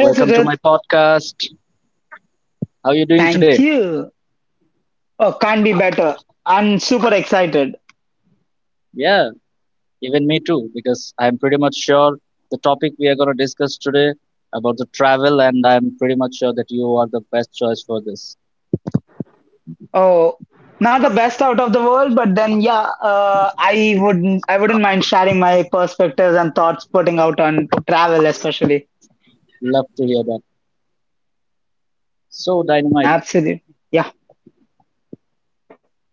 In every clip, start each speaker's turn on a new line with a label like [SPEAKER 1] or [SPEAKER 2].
[SPEAKER 1] Hey,
[SPEAKER 2] welcome to my
[SPEAKER 1] Sujit,
[SPEAKER 2] podcast. How are you doing
[SPEAKER 1] thank
[SPEAKER 2] today?
[SPEAKER 1] you. Oh, can't be better. I'm super excited.
[SPEAKER 2] Yeah, even me too, because I'm pretty much sure the topic we are going to discuss today about the travel, and I'm pretty much sure that you are the best choice for this.
[SPEAKER 1] Oh, not the best out of the world, but then yeah, I wouldn't mind sharing my perspectives and thoughts putting out on travel, especially.
[SPEAKER 2] Love to hear that. So, Dynamite,
[SPEAKER 1] Absolutely. Yeah.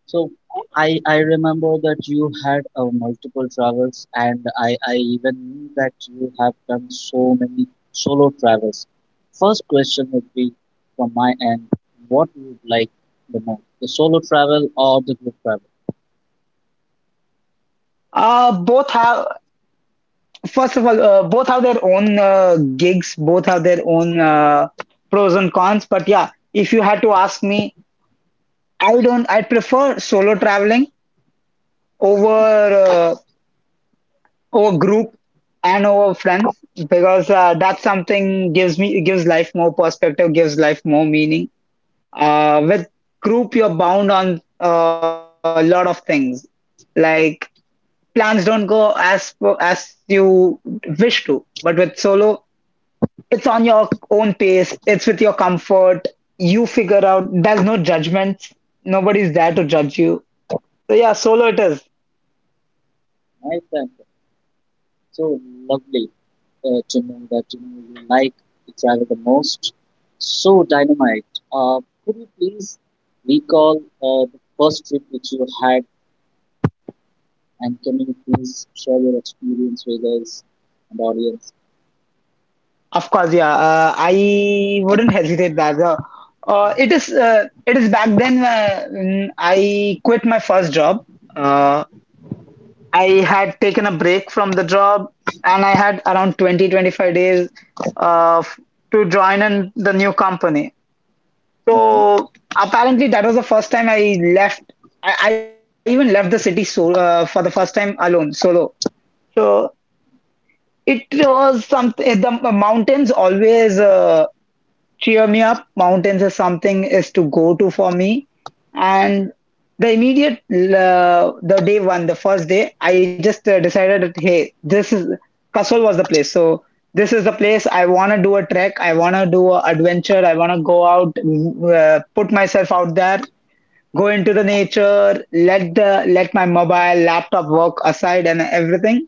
[SPEAKER 2] so I remember that you had multiple travels, and I even knew that you have done so many solo travels. First question would be from my end: What you would like the most, the solo travel or the group travel?
[SPEAKER 1] Both have, first of all, both have their own gigs, both have their own pros and cons. But yeah, if you had to ask me, I don't, I prefer solo traveling over over group and over friends because that's something gives me gives life more perspective gives life more meaning with group you're bound on a lot of things like plans don't go as you wish to, but with solo it's on your own pace, it's with your comfort, you figure out, there's no judgments, nobody's there to judge you. So yeah, solo it is.
[SPEAKER 2] Right, then. So lovely to know that you know you like to travel the most. So dynamite. Could you please recall the first trip which you had? And can you please share your experience with us and audience?
[SPEAKER 1] Of course, yeah. I wouldn't hesitate that. It is it is back then I quit my first job. Uh, I had taken a break from the job, and I had around 20 to 25 days uh, f- to join in the new company.
[SPEAKER 2] Mhm.
[SPEAKER 1] So apparently that was the first time I left. I even left the city, so for the first time alone, solo. So it was something. The mountains always. Cheer me up. Mountains is something is to go to for me. And the immediate the day one, the first day, I just decided that hey, this is Kasol was the place. So this is the place I want to do a trek. I want to do an adventure. I want to go out, put myself out there, go into the nature, let my mobile laptop work aside and everything.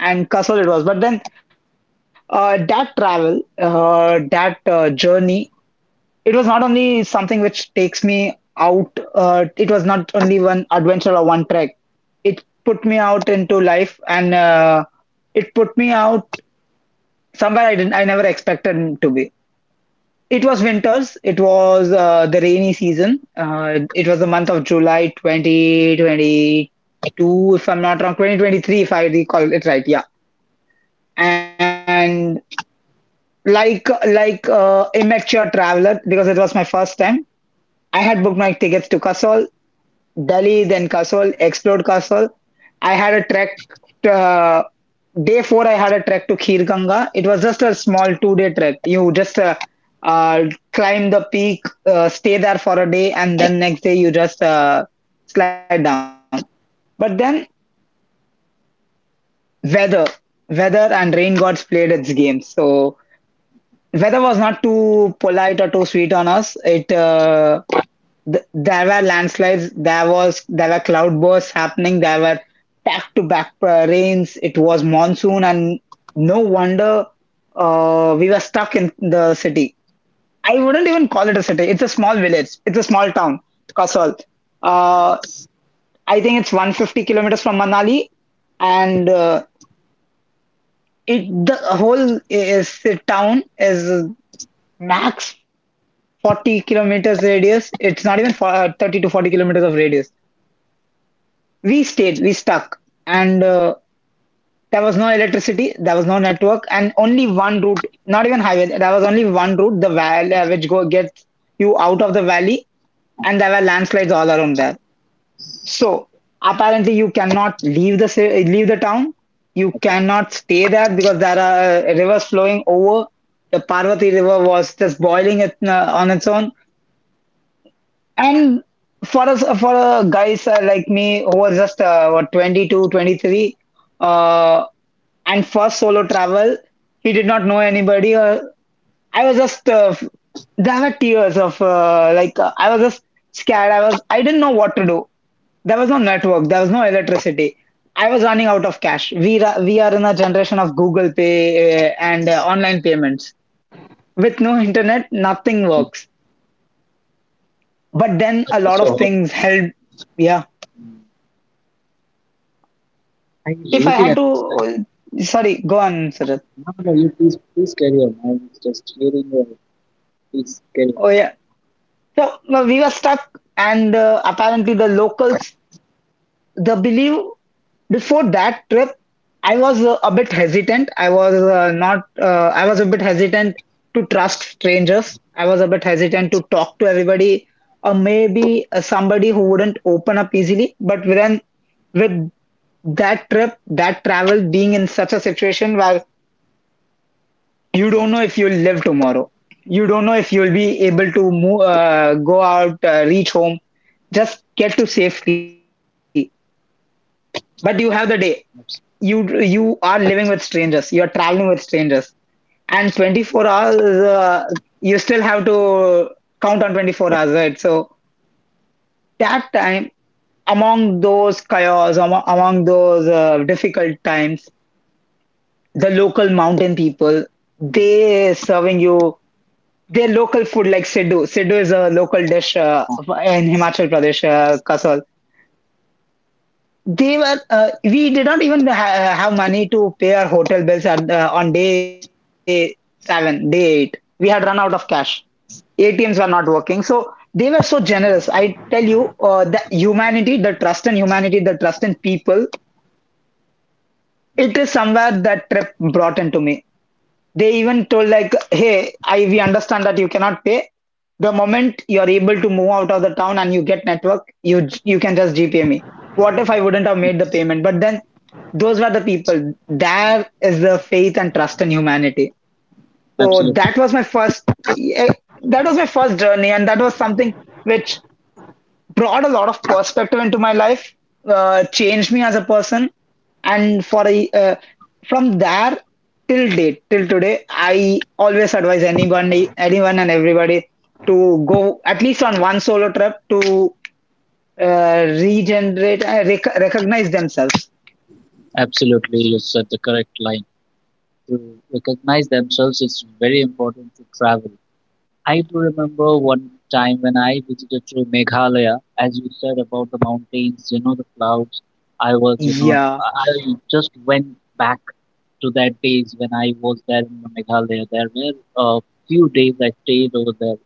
[SPEAKER 1] And Kasol it was. But then that travel, that journey, it was not only something which takes me out, it was not only one adventure or one trek, it put me out into life, and it put me out somewhere I never expected to be. It was winters, it was the rainy season, it was the month of July 2022, if I'm not wrong, 2023 if I recall it right, yeah. And like, immature traveler, because it was my first time, I had booked my tickets to Kasol. Delhi, then Kasol, explored Kasol. I had a trek. Uh, Day four, I had a trek to Khir Ganga. It was just a small two-day trek. You just uh, climb the peak, stay there for a day, and then next day you just slide down. But then weather, weather and rain gods played its game. So weather was not too polite or too sweet on us. There were landslides, there were cloudbursts happening, there were back to back rains. It was monsoon, and no wonder we were stuck in the city. I wouldn't even call it a city. It's a small village. It's a small town, Kasol. Uh, I think it's 150 kilometers from Manali, and it the whole is the town is max 40 kilometers radius. It's not even for, 30 to 40 kilometers of radius we stayed, we stuck, and there was no electricity, there was no network, and only one route, not even highway, there was only one route, the valley, which go gets you out of the valley, and there were landslides all around there.
[SPEAKER 2] So,
[SPEAKER 1] So apparently, you cannot leave leave the town. You
[SPEAKER 2] absolutely.
[SPEAKER 1] cannot stay there because there are rivers flowing over. The Parvati River was just boiling it on its own. And for us, for guys like me who are just what, 22, 23, uh, and first solo travel, he did not know anybody. I was just, there were tears of I was just scared. I didn't know what to do. There was no network, there was no electricity. I was running out of cash. We are in a generation of Google Pay and online payments. With no internet, nothing works. But then
[SPEAKER 2] That
[SPEAKER 1] a
[SPEAKER 2] was
[SPEAKER 1] lot
[SPEAKER 2] so
[SPEAKER 1] of
[SPEAKER 2] helpful.
[SPEAKER 1] things helped.
[SPEAKER 2] I
[SPEAKER 1] If I
[SPEAKER 2] really
[SPEAKER 1] had to,
[SPEAKER 2] understand.
[SPEAKER 1] oh, sorry, go on, Sujat.
[SPEAKER 2] No, no, you please, please carry on. I was just hearing your, please carry on.
[SPEAKER 1] Oh yeah. So no, we were stuck, and apparently the locals, the believe before that trip, I was a bit hesitant. I was not. I was a bit hesitant to trust strangers. I was a bit hesitant to talk to everybody, or maybe somebody who wouldn't open up easily. But then with that trip, that travel, being in such a situation where you don't know if you'll live tomorrow. You don't know if you'll be able to move, go out, reach home, just get to safety. But you have the day. You are living with strangers. You are traveling with strangers, and 24 hours. You still have to count on 24 hours, right? So that time, among those chaos, among those difficult times, the local mountain people, they serving you their local food, like Siddu. Siddu is a local dish in Himachal Pradesh, Kasol. They were, we did not even ha- have money to pay our hotel bills at, on day seven, day eight. We had run out of cash. ATMs were not working. So they were so generous. I tell you, the humanity, the trust in humanity, the trust in people, it is somewhere that trip brought into me. They even told like, "Hey, I we understand that you cannot pay. The moment you are able to move out of the town and you get network, you can just GPay me." What if I wouldn't have made the payment? But then those were the people. There is the faith and trust in humanity. So
[SPEAKER 2] Absolutely.
[SPEAKER 1] that was my first. eh, That was my first journey, and that was something which brought a lot of perspective into my life. Changed me as a person, and for a from there, till today I always advise anybody, anyone and everybody to go at least on one solo trip to regenerate, recognize themselves.
[SPEAKER 2] Absolutely, you said the correct line. To recognize themselves, it's very important to travel. I do remember one time when I visited to Meghalaya, as you said about the mountains, you know, the clouds. I was, you know,
[SPEAKER 1] Yeah.
[SPEAKER 2] I just went back to that days when I was there in the Meghalaya. There were a few days I stayed over there,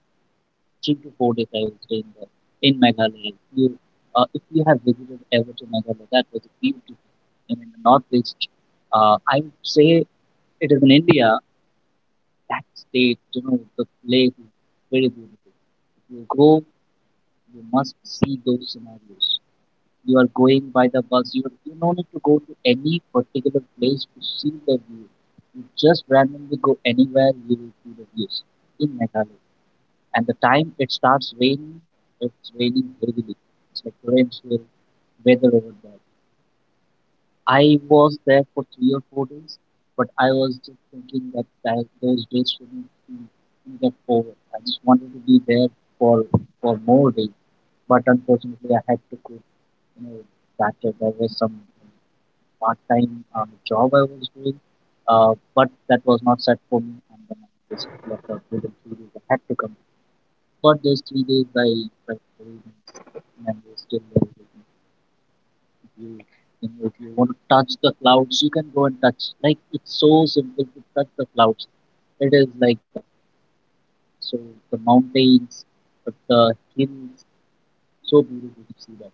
[SPEAKER 2] 3 to 4 days I was staying there in Meghalaya. If you have visited ever to Meghalaya, that was beautiful. And in the northeast, I would say it is in India, that state, you know, the place is very beautiful you go, you must see those scenarios. You are going by the bus. You don't need to go to any particular place to see the view. You just randomly go anywhere, you will see the views in Meghalaya. And the time it starts raining, it's raining heavily. It's like torrential weather over there. I was there for 3 or 4 days, but I was just thinking that, those days shouldn't be- get over. I just wanted to be there for more days, but unfortunately, I had to quit. You know, that there was some part-time job I was doing, but that was not set for me, and then I just left out within 3 days. I had to come, but those 3 days I felt very nice, and I was still there you you know, if you want to touch the clouds, you can go and touch. Like it's so simple to touch the clouds. It is like that. So the mountains, the hills, so beautiful to see that.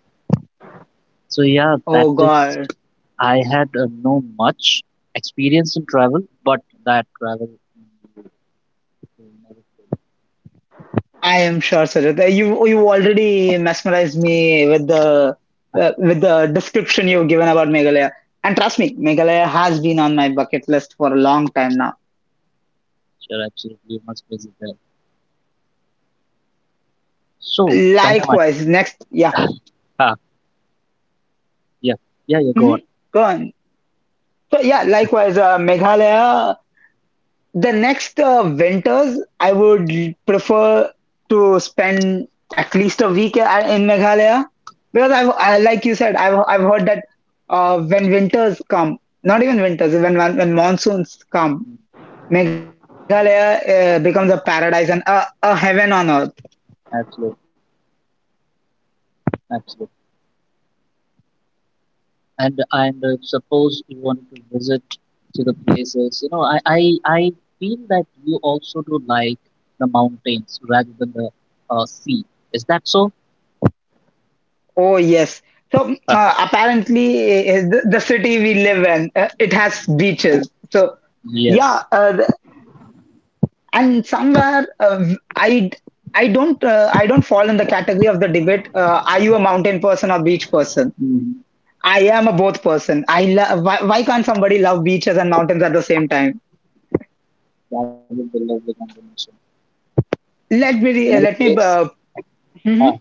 [SPEAKER 2] So yeah, that
[SPEAKER 1] Oh
[SPEAKER 2] is.
[SPEAKER 1] god,
[SPEAKER 2] I had no much experience in travel, but that travel will never fail.
[SPEAKER 1] I am sure, Sarita. You already mesmerized me with the description you've given about Meghalaya, and trust me, Meghalaya has been on my bucket list for a long time now.
[SPEAKER 2] Sure, absolutely, you must visit there. So dynamite.
[SPEAKER 1] Likewise, next. Yeah.
[SPEAKER 2] Ah, yeah, yeah, yeah. Go on.
[SPEAKER 1] Mhm. Go on. So yeah, likewise, Meghalaya. The next winters, I would prefer to spend at least a week in Meghalaya, because like you said, I've heard that when winters come, not even winters, when monsoons come,
[SPEAKER 2] Mm.
[SPEAKER 1] Meghalaya becomes a paradise and a heaven on earth.
[SPEAKER 2] Absolutely, absolutely. And suppose you want to visit to the places you know I feel that you also do like the mountains rather than the sea, is that so?
[SPEAKER 1] Oh yes. So apparently, the city we live in, it has beaches. So. Yeah,
[SPEAKER 2] Yes.
[SPEAKER 1] and somewhere i I don't I don't fall in the category of the debate, are you a mountain person or beach person?
[SPEAKER 2] Mm,
[SPEAKER 1] I am a both person. I love, why can't somebody love beaches and mountains at the same time?
[SPEAKER 2] that would be lovely combination. You know the
[SPEAKER 1] Let me
[SPEAKER 2] place,
[SPEAKER 1] mhm.
[SPEAKER 2] ah,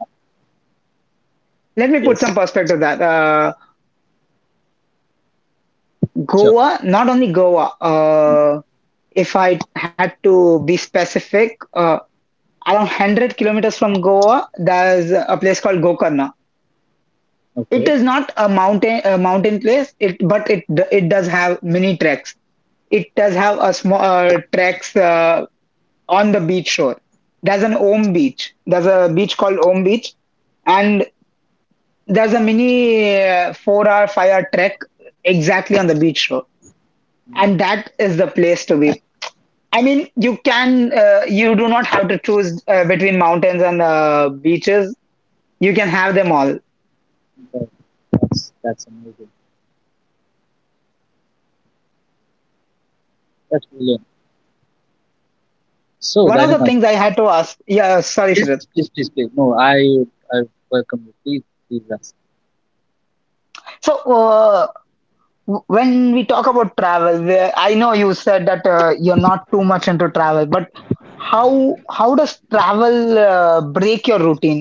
[SPEAKER 1] Let me put
[SPEAKER 2] yes,
[SPEAKER 1] some perspective that
[SPEAKER 2] sure.
[SPEAKER 1] Goa, not only Goa, uh, if I had to be specific, uh, around 100 kilometers from Goa there's a place called Gokarna. It
[SPEAKER 2] Okay.
[SPEAKER 1] is not a mountain place. It does have mini treks. It does have a small treks on the beach shore. There's an Om beach. There's a beach called Om Beach, and there's a mini 4 hour 5 hour trek exactly on the beach shore, and that is the place to be. I mean, you can you do not have to choose between mountains and beaches. You can have them all.
[SPEAKER 2] Okay, that's amazing, that's brilliant, so
[SPEAKER 1] One of the
[SPEAKER 2] dynamite.
[SPEAKER 1] things I had to ask, yeah, sorry,
[SPEAKER 2] Yes,
[SPEAKER 1] Sridhar.
[SPEAKER 2] please, please, please. No, I welcome you, please please ask.
[SPEAKER 1] So, When we talk about travel, where I know you said that you're not too much into travel, but how how does travel break your routine?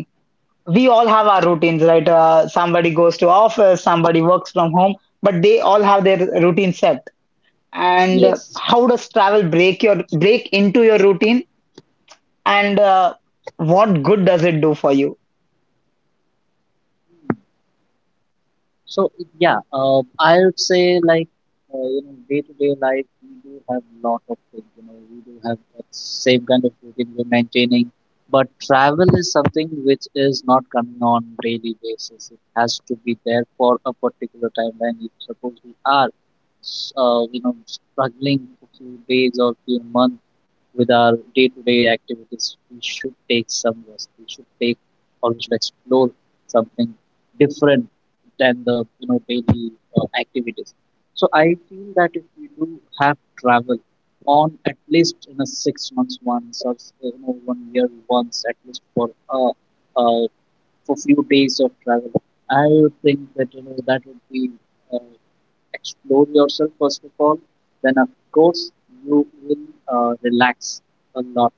[SPEAKER 1] We all have our routines, right? Somebody goes to office, somebody works from home, but they all have their routine set. And
[SPEAKER 2] Yes.
[SPEAKER 1] how does travel break into your routine? And what good does it do for you?
[SPEAKER 2] So yeah, I would say like you know day to day life we do have lot of things. You know we do have that same kind of routine we're maintaining, but travel is something which is not coming on daily basis. It has to be there for a particular timeline. If suppose we are you know struggling for few days or few months with our day to day activities, we should take some rest. We should take or we should explore something different than the you know daily activities. So I feel that if we do have travel on at least in a 6 months once or you know one year once, at least uh, uh for few days of travel, I would think that you know that would be, uh, explore yourself first of all, then of course you will relax a lot.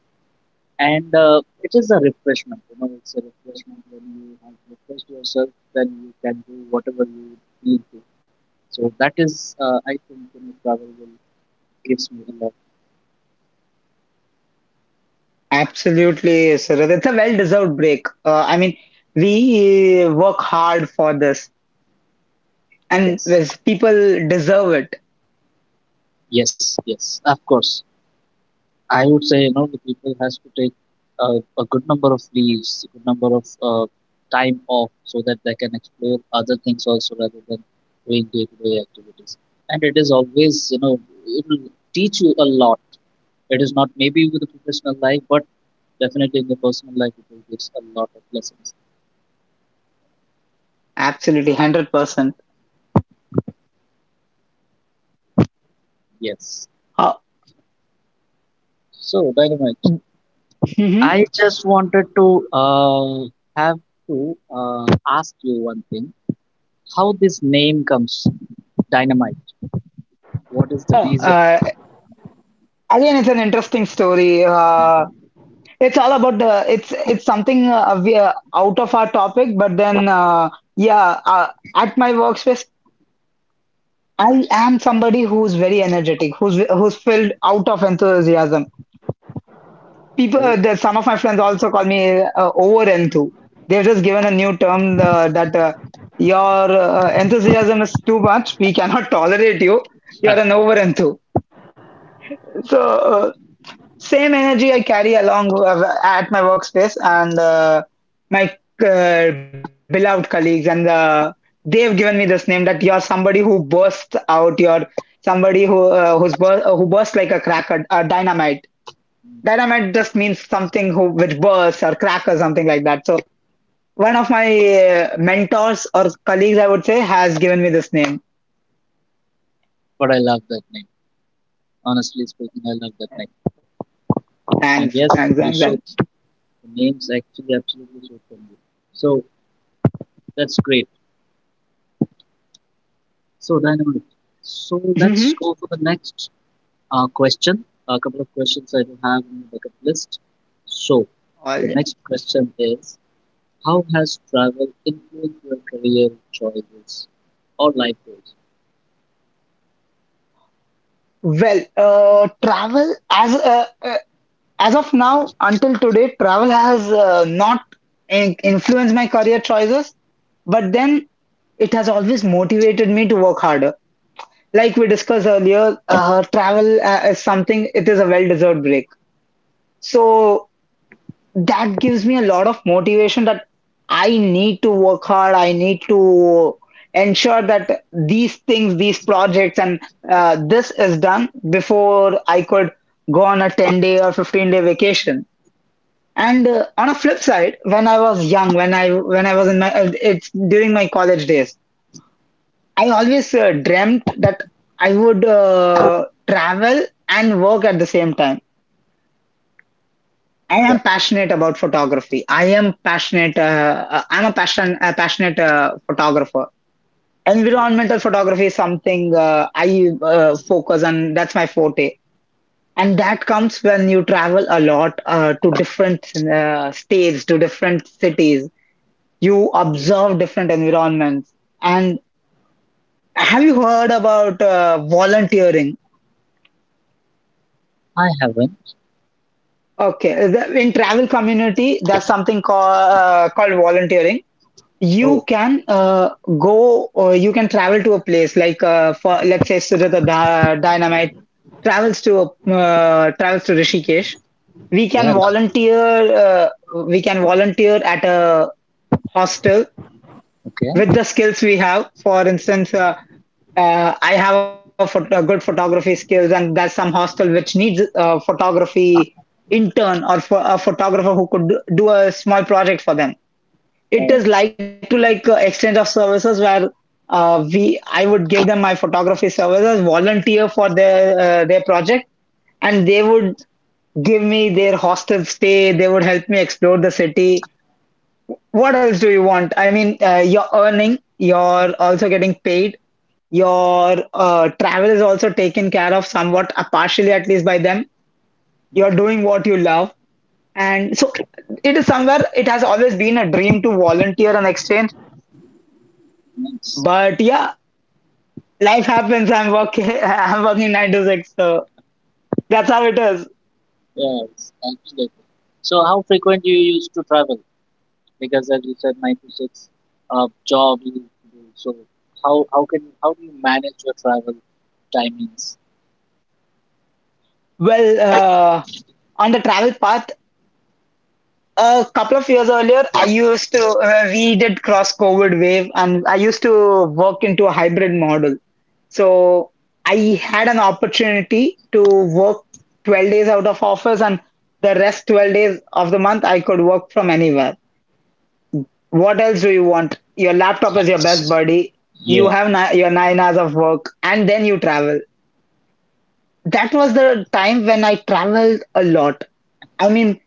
[SPEAKER 2] And it is a refreshment, you know it's a refreshment. When you have refreshed yourself, then you can do whatever you need to. So that is I think you know travel will gives me a lot.
[SPEAKER 1] Absolutely, Surath. It's a well-deserved break. I mean, we work hard for this. And
[SPEAKER 2] Yes,
[SPEAKER 1] yes, people deserve it.
[SPEAKER 2] yes, yes, of course. I would say you know the people has to take a good number of leaves, a good number of time off so that they can explore other things also rather than doing day-to-day activities. And it is always you know it will teach you a lot. It is not maybe with the professional life, but definitely in the personal life, it will gives a lot of lessons.
[SPEAKER 1] Absolutely, 100%.
[SPEAKER 2] Yes.
[SPEAKER 1] Uh,
[SPEAKER 2] So, Dynamite,
[SPEAKER 1] mhm.
[SPEAKER 2] I just wanted to have to ask you one thing. How this name comes, Dynamite? What
[SPEAKER 1] Oh,
[SPEAKER 2] is the reason?
[SPEAKER 1] again, it's an interesting story. It's all about the, it's something we are out of our topic, but then yeah, at my workspace, I am somebody who's very energetic, who's filled out of enthusiasm. People,
[SPEAKER 2] Oh,
[SPEAKER 1] some of my friends also call me over enthu. They've just given a new term that your enthusiasm is too much. We cannot tolerate you. You're an over enthu. So uh, Same energy I carry along at my workspace, and my beloved colleagues, and they have given me this name that you're somebody who bursts out. You're somebody who who bursts like a cracker, a dynamite. Dynamite just means something who which bursts or crack or something like that. So one of my mentors or colleagues, I would say, has given me this name.
[SPEAKER 2] but I love that name. Honestly speaking, I love that name. And
[SPEAKER 1] Thanks,
[SPEAKER 2] yes,
[SPEAKER 1] thanks,
[SPEAKER 2] you
[SPEAKER 1] thanks,
[SPEAKER 2] showed
[SPEAKER 1] thanks.
[SPEAKER 2] the names actually absolutely showed from you. So that's great. So Dynamite. So
[SPEAKER 1] Hmm.
[SPEAKER 2] let's go for the next question. A couple of questions I do have in the bucket list. So,
[SPEAKER 1] All,
[SPEAKER 2] the
[SPEAKER 1] yeah.
[SPEAKER 2] next question is: How has travel influenced your career choices or life goals?
[SPEAKER 1] Well, travel as of now until today, travel has not influenced my career choices, but then it has always motivated me to work harder. Like we discussed earlier, travel is something, it is a well deserved break. So that gives me a lot of motivation that I need to work hard. I need to ensure that these things, these projects, and this is done before I could go on a 10 day or 15-day vacation. And on a flip side, when I was young, when I was in my it's during my college days, I always dreamt that I would travel and work at the same time. I
[SPEAKER 2] Yeah.
[SPEAKER 1] am passionate about photography. I am passionate. I'm a passionate photographer. Environmental photography is something I focus on. That's my forte, and that comes when you travel a lot to different states, to different cities. You observe different environments. And have you heard about volunteering?
[SPEAKER 2] I haven't.
[SPEAKER 1] Okay, in travel community, there's something called volunteering. You
[SPEAKER 2] Oh.
[SPEAKER 1] can go, or you can travel to a place like for let's say Sujata Dynamite travels to Rishikesh. We can
[SPEAKER 2] Yes.
[SPEAKER 1] volunteer, uh, we can volunteer at a hostel
[SPEAKER 2] Okay.
[SPEAKER 1] with the skills we have. For instance, I have a, a good photography skills, and there's some hostel which needs a photography intern, or for a photographer who could do a small project for them. It
[SPEAKER 2] Oh,
[SPEAKER 1] is like exchange of services where we I would give them my photography services, volunteer for their project, and they would give me their hostel stay. They would help me explore the city. What else do you want? I mean, you're earning, you're also getting paid. Your travel is also taken care of somewhat, partially at least by them. You're doing what you love, and so it is somewhere. It has always been a dream to volunteer and exchange.
[SPEAKER 2] nice.
[SPEAKER 1] But yeah, life happens. I'm working. I'm working nine to six, so that's how it is.
[SPEAKER 2] Yes, absolutely. So, how frequent do you used to travel? Because, as you said, 9 to 6 job you used to do. So, how can how do you manage your travel timings?
[SPEAKER 1] Well, uh, on the travel path, a couple of years earlier, I used to. We did cross COVID wave, and I used to work into a hybrid model. So I had an opportunity to work 12 days out of office, and the rest 12 days of the month, I could work from anywhere. What else do you want? Your laptop is your best buddy. You
[SPEAKER 2] Yeah,
[SPEAKER 1] have your 9 hours of work, and then you travel. That was the time when I traveled a lot. I mean,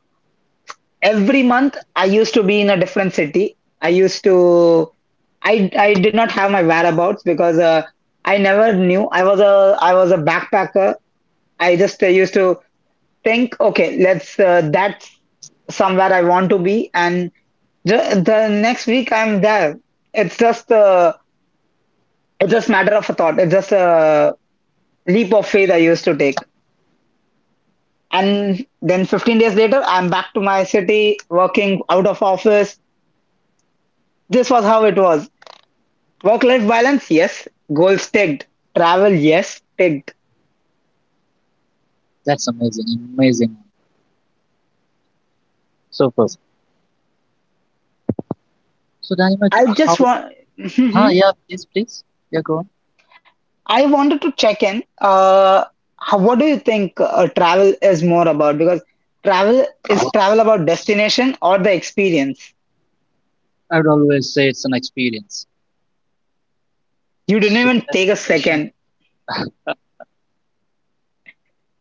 [SPEAKER 1] every month I used to be in a different city. I used to, I did not have my whereabouts because I never knew. I was a backpacker. I just used to think, okay, let's that's somewhere I want to be, and the next week I'm there. It's just uh, it's just matter of a thought. It's just a leap of faith I used to take. And then 15 days later, I'm back to my city, working out of office. This was how it was. Work life balance, yes. Goals ticked. Travel, yes, ticked.
[SPEAKER 2] that's amazing. Amazing. Super. So, Dynamite,
[SPEAKER 1] I
[SPEAKER 2] how?
[SPEAKER 1] just want,
[SPEAKER 2] Huh, yeah, please, please. Yeah, go on.
[SPEAKER 1] I wanted to check in. What do you think travel is more about? Because travel about destination or the experience?
[SPEAKER 2] I would always say it's an experience.
[SPEAKER 1] You didn't
[SPEAKER 2] So the
[SPEAKER 1] even take a
[SPEAKER 2] destination
[SPEAKER 1] second.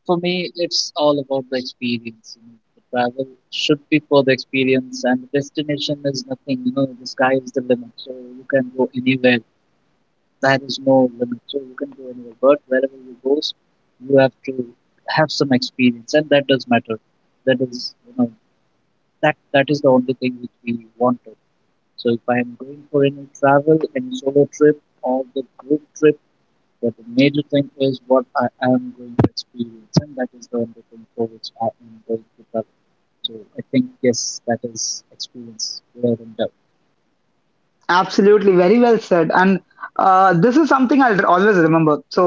[SPEAKER 2] for me, it's all about the experience. You know, the travel should be for the experience, and the destination is nothing. You know, the sky is the limit, so you can go anywhere. There is no limit, so you can go anywhere. But wherever you go, you have to have some experience, and that does matter. That is, you know, that is the only thing which we want. So if I am going for any travel, any solo trip or the group trip, but the major thing is what I am going to experience, and that is the only thing for which I am going to travel. So I think yes, that is experience without a doubt.
[SPEAKER 1] Absolutely, very well said. And this is something I'll always remember. So,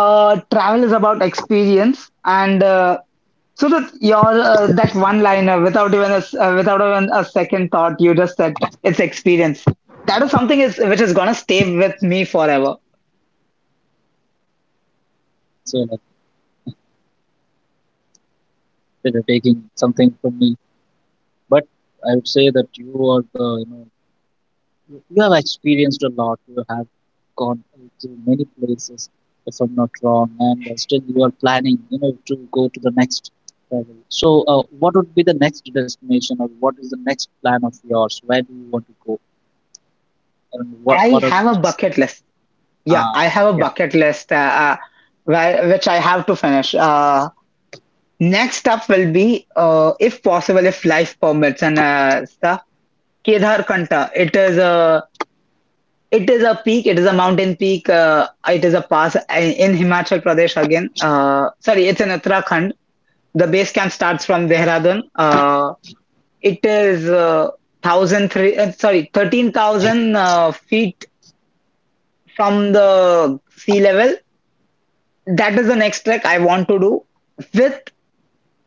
[SPEAKER 1] Travel is about experience, and that your that one liner, without even without even a second thought, you just said it's experience. That is something is which is gonna stay with me forever.
[SPEAKER 2] So like they're taking something from me, but I would say that you are the you know you you have experienced a lot. You have gone to many places, if I'm not wrong, and still you are planning, you know, to go to the next level. So, what would be the next destination, or what is the next plan of yours? Where do you want to go, and
[SPEAKER 1] I
[SPEAKER 2] what are
[SPEAKER 1] have a
[SPEAKER 2] the
[SPEAKER 1] bucket list. Yeah,
[SPEAKER 2] uh,
[SPEAKER 1] I have a
[SPEAKER 2] yeah,
[SPEAKER 1] bucket list where, which I have to finish. Next up will be, if possible, if life permits and stuff, Kedar Kanta. It is a peak. It is a mountain peak. It is a pass in Himachal Pradesh again. Sorry, it's in Uttarakhand. The base camp starts from Dehradun. Uh, it is thousand three. Sorry, 13,000 feet from the sea level. That is the next trek I want to do with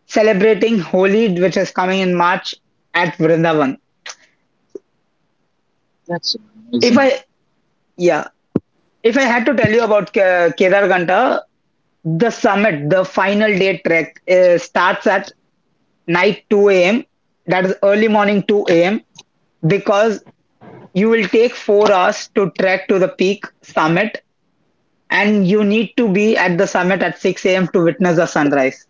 [SPEAKER 1] celebrating Holi, which is coming in March at Vrindavan.
[SPEAKER 2] that's
[SPEAKER 1] If
[SPEAKER 2] amazing.
[SPEAKER 1] I yeah, if I had to tell you about Kedar Ghanta, the summit, the final day trek, starts at night 2 a.m. That is early morning 2 a.m., because you will take 4 hours to trek to the peak summit, and you need to be at the summit at 6 a.m. to witness the sunrise.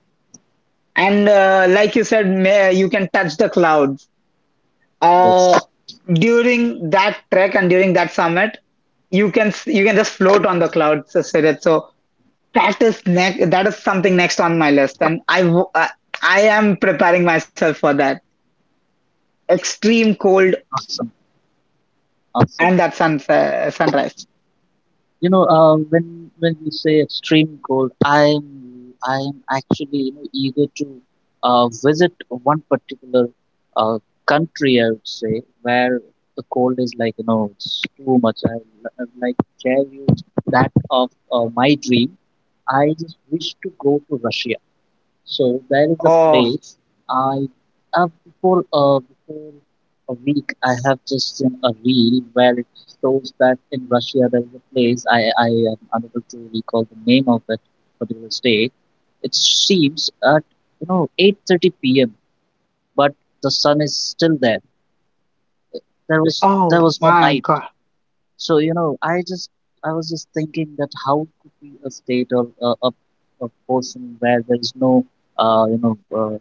[SPEAKER 1] And like you said, may, you can touch the clouds.
[SPEAKER 2] Yes,
[SPEAKER 1] Uh, During that trek and during that summit, you can just float on the clouds, Surit. So that is next. That is something next on my list, and I am preparing myself for that. Extreme cold
[SPEAKER 2] awesome, awesome.
[SPEAKER 1] and that sunset sunrise.
[SPEAKER 2] You know, when you say extreme cold, I'm actually you know, eager to visit one particular uh, country. I would say where the cold is like you know it's too much. I would like to share you that of my dream. I just wish to go to Russia. So there is a
[SPEAKER 1] Oh,
[SPEAKER 2] place I have before before a week I have just seen a reel where it shows that in Russia there is a place I am unable to recall the name of that particular state. It seems at you know 8:30 p.m. but the sun is still there.
[SPEAKER 1] oh
[SPEAKER 2] There
[SPEAKER 1] my
[SPEAKER 2] was no
[SPEAKER 1] God.
[SPEAKER 2] night. So you know I was just thinking that how could be a state or a portion where there is no you know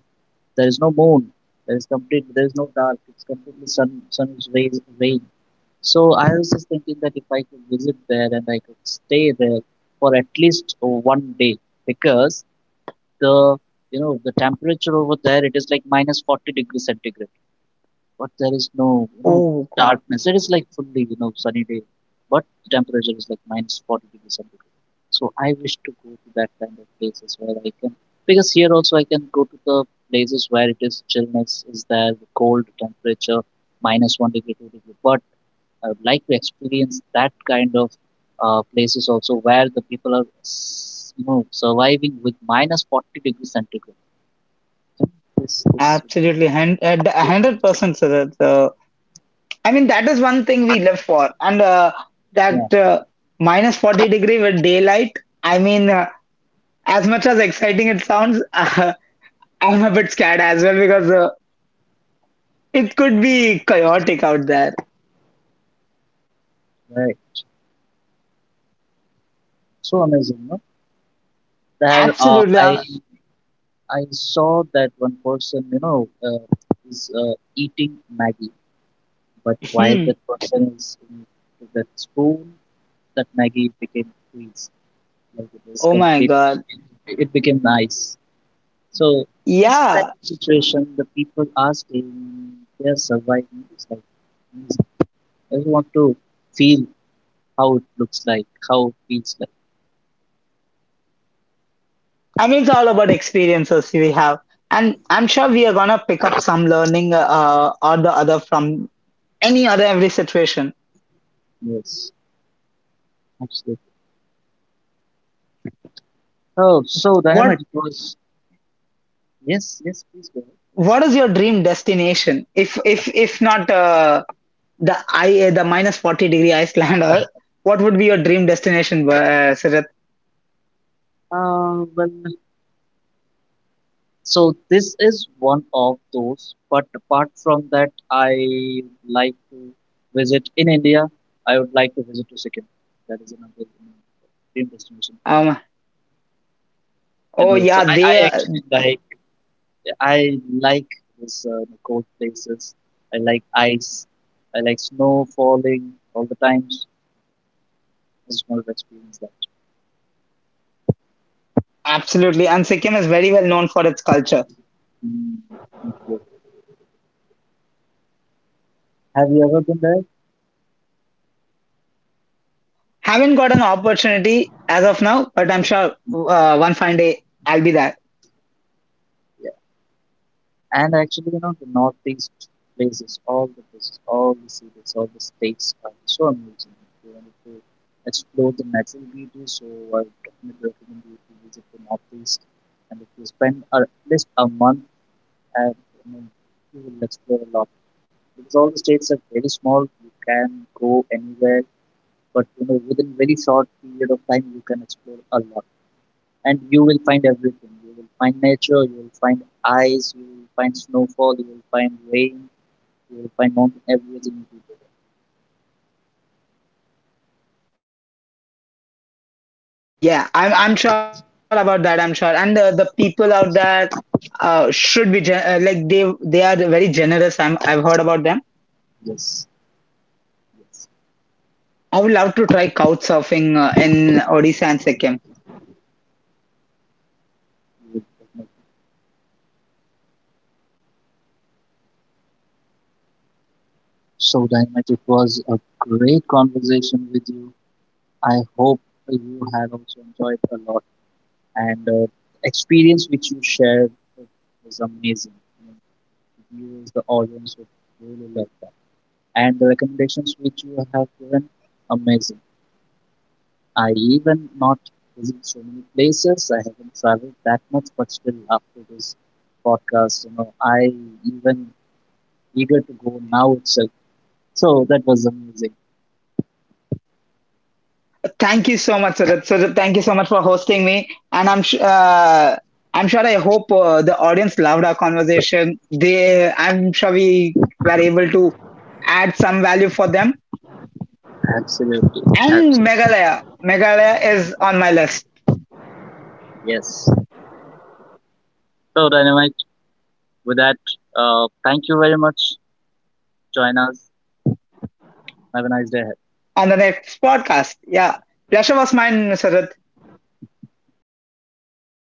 [SPEAKER 2] there is no moon. There is complete. There is no dark. It's completely sun. Sun is rays, rain. So I was just thinking that if I could visit there and I could stay there for at least one day, because the you know the temperature over there it is like minus 40 degrees centigrade but there is no you know
[SPEAKER 1] Oh God.
[SPEAKER 2] darkness. It is like fully you know sunny day, but the temperature is like minus 40 degrees centigrade. So I wish to go to that kind of places where I can because here also I can go to the places where it is chillness is there, the cold temperature minus 1 degree, 2 degree. But I would like to experience that kind of places also where the people are you know surviving with minus 40 degrees centigrade. This would be
[SPEAKER 1] Absolutely, a
[SPEAKER 2] great.
[SPEAKER 1] hundred percent, Siddharth. I mean, that is one thing we live for, and
[SPEAKER 2] Yeah,
[SPEAKER 1] that minus 40 degree with daylight. I mean, as much as exciting it sounds, I'm a bit scared as well, because it could be chaotic out there.
[SPEAKER 2] right, so amazing. No? There,
[SPEAKER 1] Absolutely.
[SPEAKER 2] I saw that one person, you know, is eating Maggie, but while
[SPEAKER 1] Hmm.
[SPEAKER 2] that person is in that spoon, that Maggie became squeezed. Like it was
[SPEAKER 1] Oh my
[SPEAKER 2] complete.
[SPEAKER 1] God.
[SPEAKER 2] It became nice. So this kind
[SPEAKER 1] Yeah.
[SPEAKER 2] of situation, the people are staying, they are surviving. It's like I just want to feel how it looks like, how it feels like.
[SPEAKER 1] I mean, it's all about experiences we have. And I'm sure we are gonna pick up some learning or the other from any other every situation.
[SPEAKER 2] Yes, absolutely. Oh, so dynamite.
[SPEAKER 1] What
[SPEAKER 2] It was yes, yes. Please go.
[SPEAKER 1] What is your dream destination? If not the minus 40 degree Iceland, or what would be your dream destination, Sujat?
[SPEAKER 2] Well, so this is one of those, but apart from that, I like to visit in India. I would like to visit to Sikkim. That is another you know, dream destination for me.
[SPEAKER 1] Um.
[SPEAKER 2] You
[SPEAKER 1] Oh
[SPEAKER 2] know, so
[SPEAKER 1] yeah, they
[SPEAKER 2] I
[SPEAKER 1] are
[SPEAKER 2] actually like I like this cold places. I like ice. I like snow falling all the times. I just want to experience that.
[SPEAKER 1] absolutely. And Sikkim is very well known for its culture.
[SPEAKER 2] Mm, thank. Have you ever been there?
[SPEAKER 1] Haven't got an opportunity as of now, but I'm sure one fine day I'll be there.
[SPEAKER 2] And actually, you know, the northeast places, all the cities, all the states are so amazing. If you wanted to explore the natural beauty, so I would definitely recommend you to visit the northeast. And if you spend at least a month, and you know, you will explore a lot because all the states are very small. You can go anywhere, but you know, within very short period of time, you can explore a lot and you will find everything. You will find nature, you will find ice, you will find snowfall, you will find rain, you will find mountain, everything will be there.
[SPEAKER 1] Yeah, I'm sure about that. I'm sure, and the people out there should be gen, like they are very generous. I've heard about them.
[SPEAKER 2] Yes, yes,
[SPEAKER 1] I would love to try couch surfing in Odisha and Sikkim.
[SPEAKER 2] you will definitely. So, Dynamite, it was a great conversation with you. I hope you had also enjoyed a lot, and experience which you shared was amazing. I mean, you, as the audience, would really like that, and the recommendations which you have given, amazing. I even not visit so many places. I haven't traveled that much, but still after this podcast, you know, I even eager to go now itself. So that was amazing.
[SPEAKER 1] Thank you so much, Sarat. Sarat, thank you so much for hosting me. And I'm sure I hope the audience loved our conversation. I'm sure we were able to add some value for them.
[SPEAKER 2] Absolutely,
[SPEAKER 1] And
[SPEAKER 2] absolutely.
[SPEAKER 1] Meghalaya is on my list
[SPEAKER 2] Yes. So Dynamite, with that, thank you very much. Join us. Have a nice day ahead.
[SPEAKER 1] on the next podcast. Yeah, pleasure was mine, Sarat.
[SPEAKER 2] Great.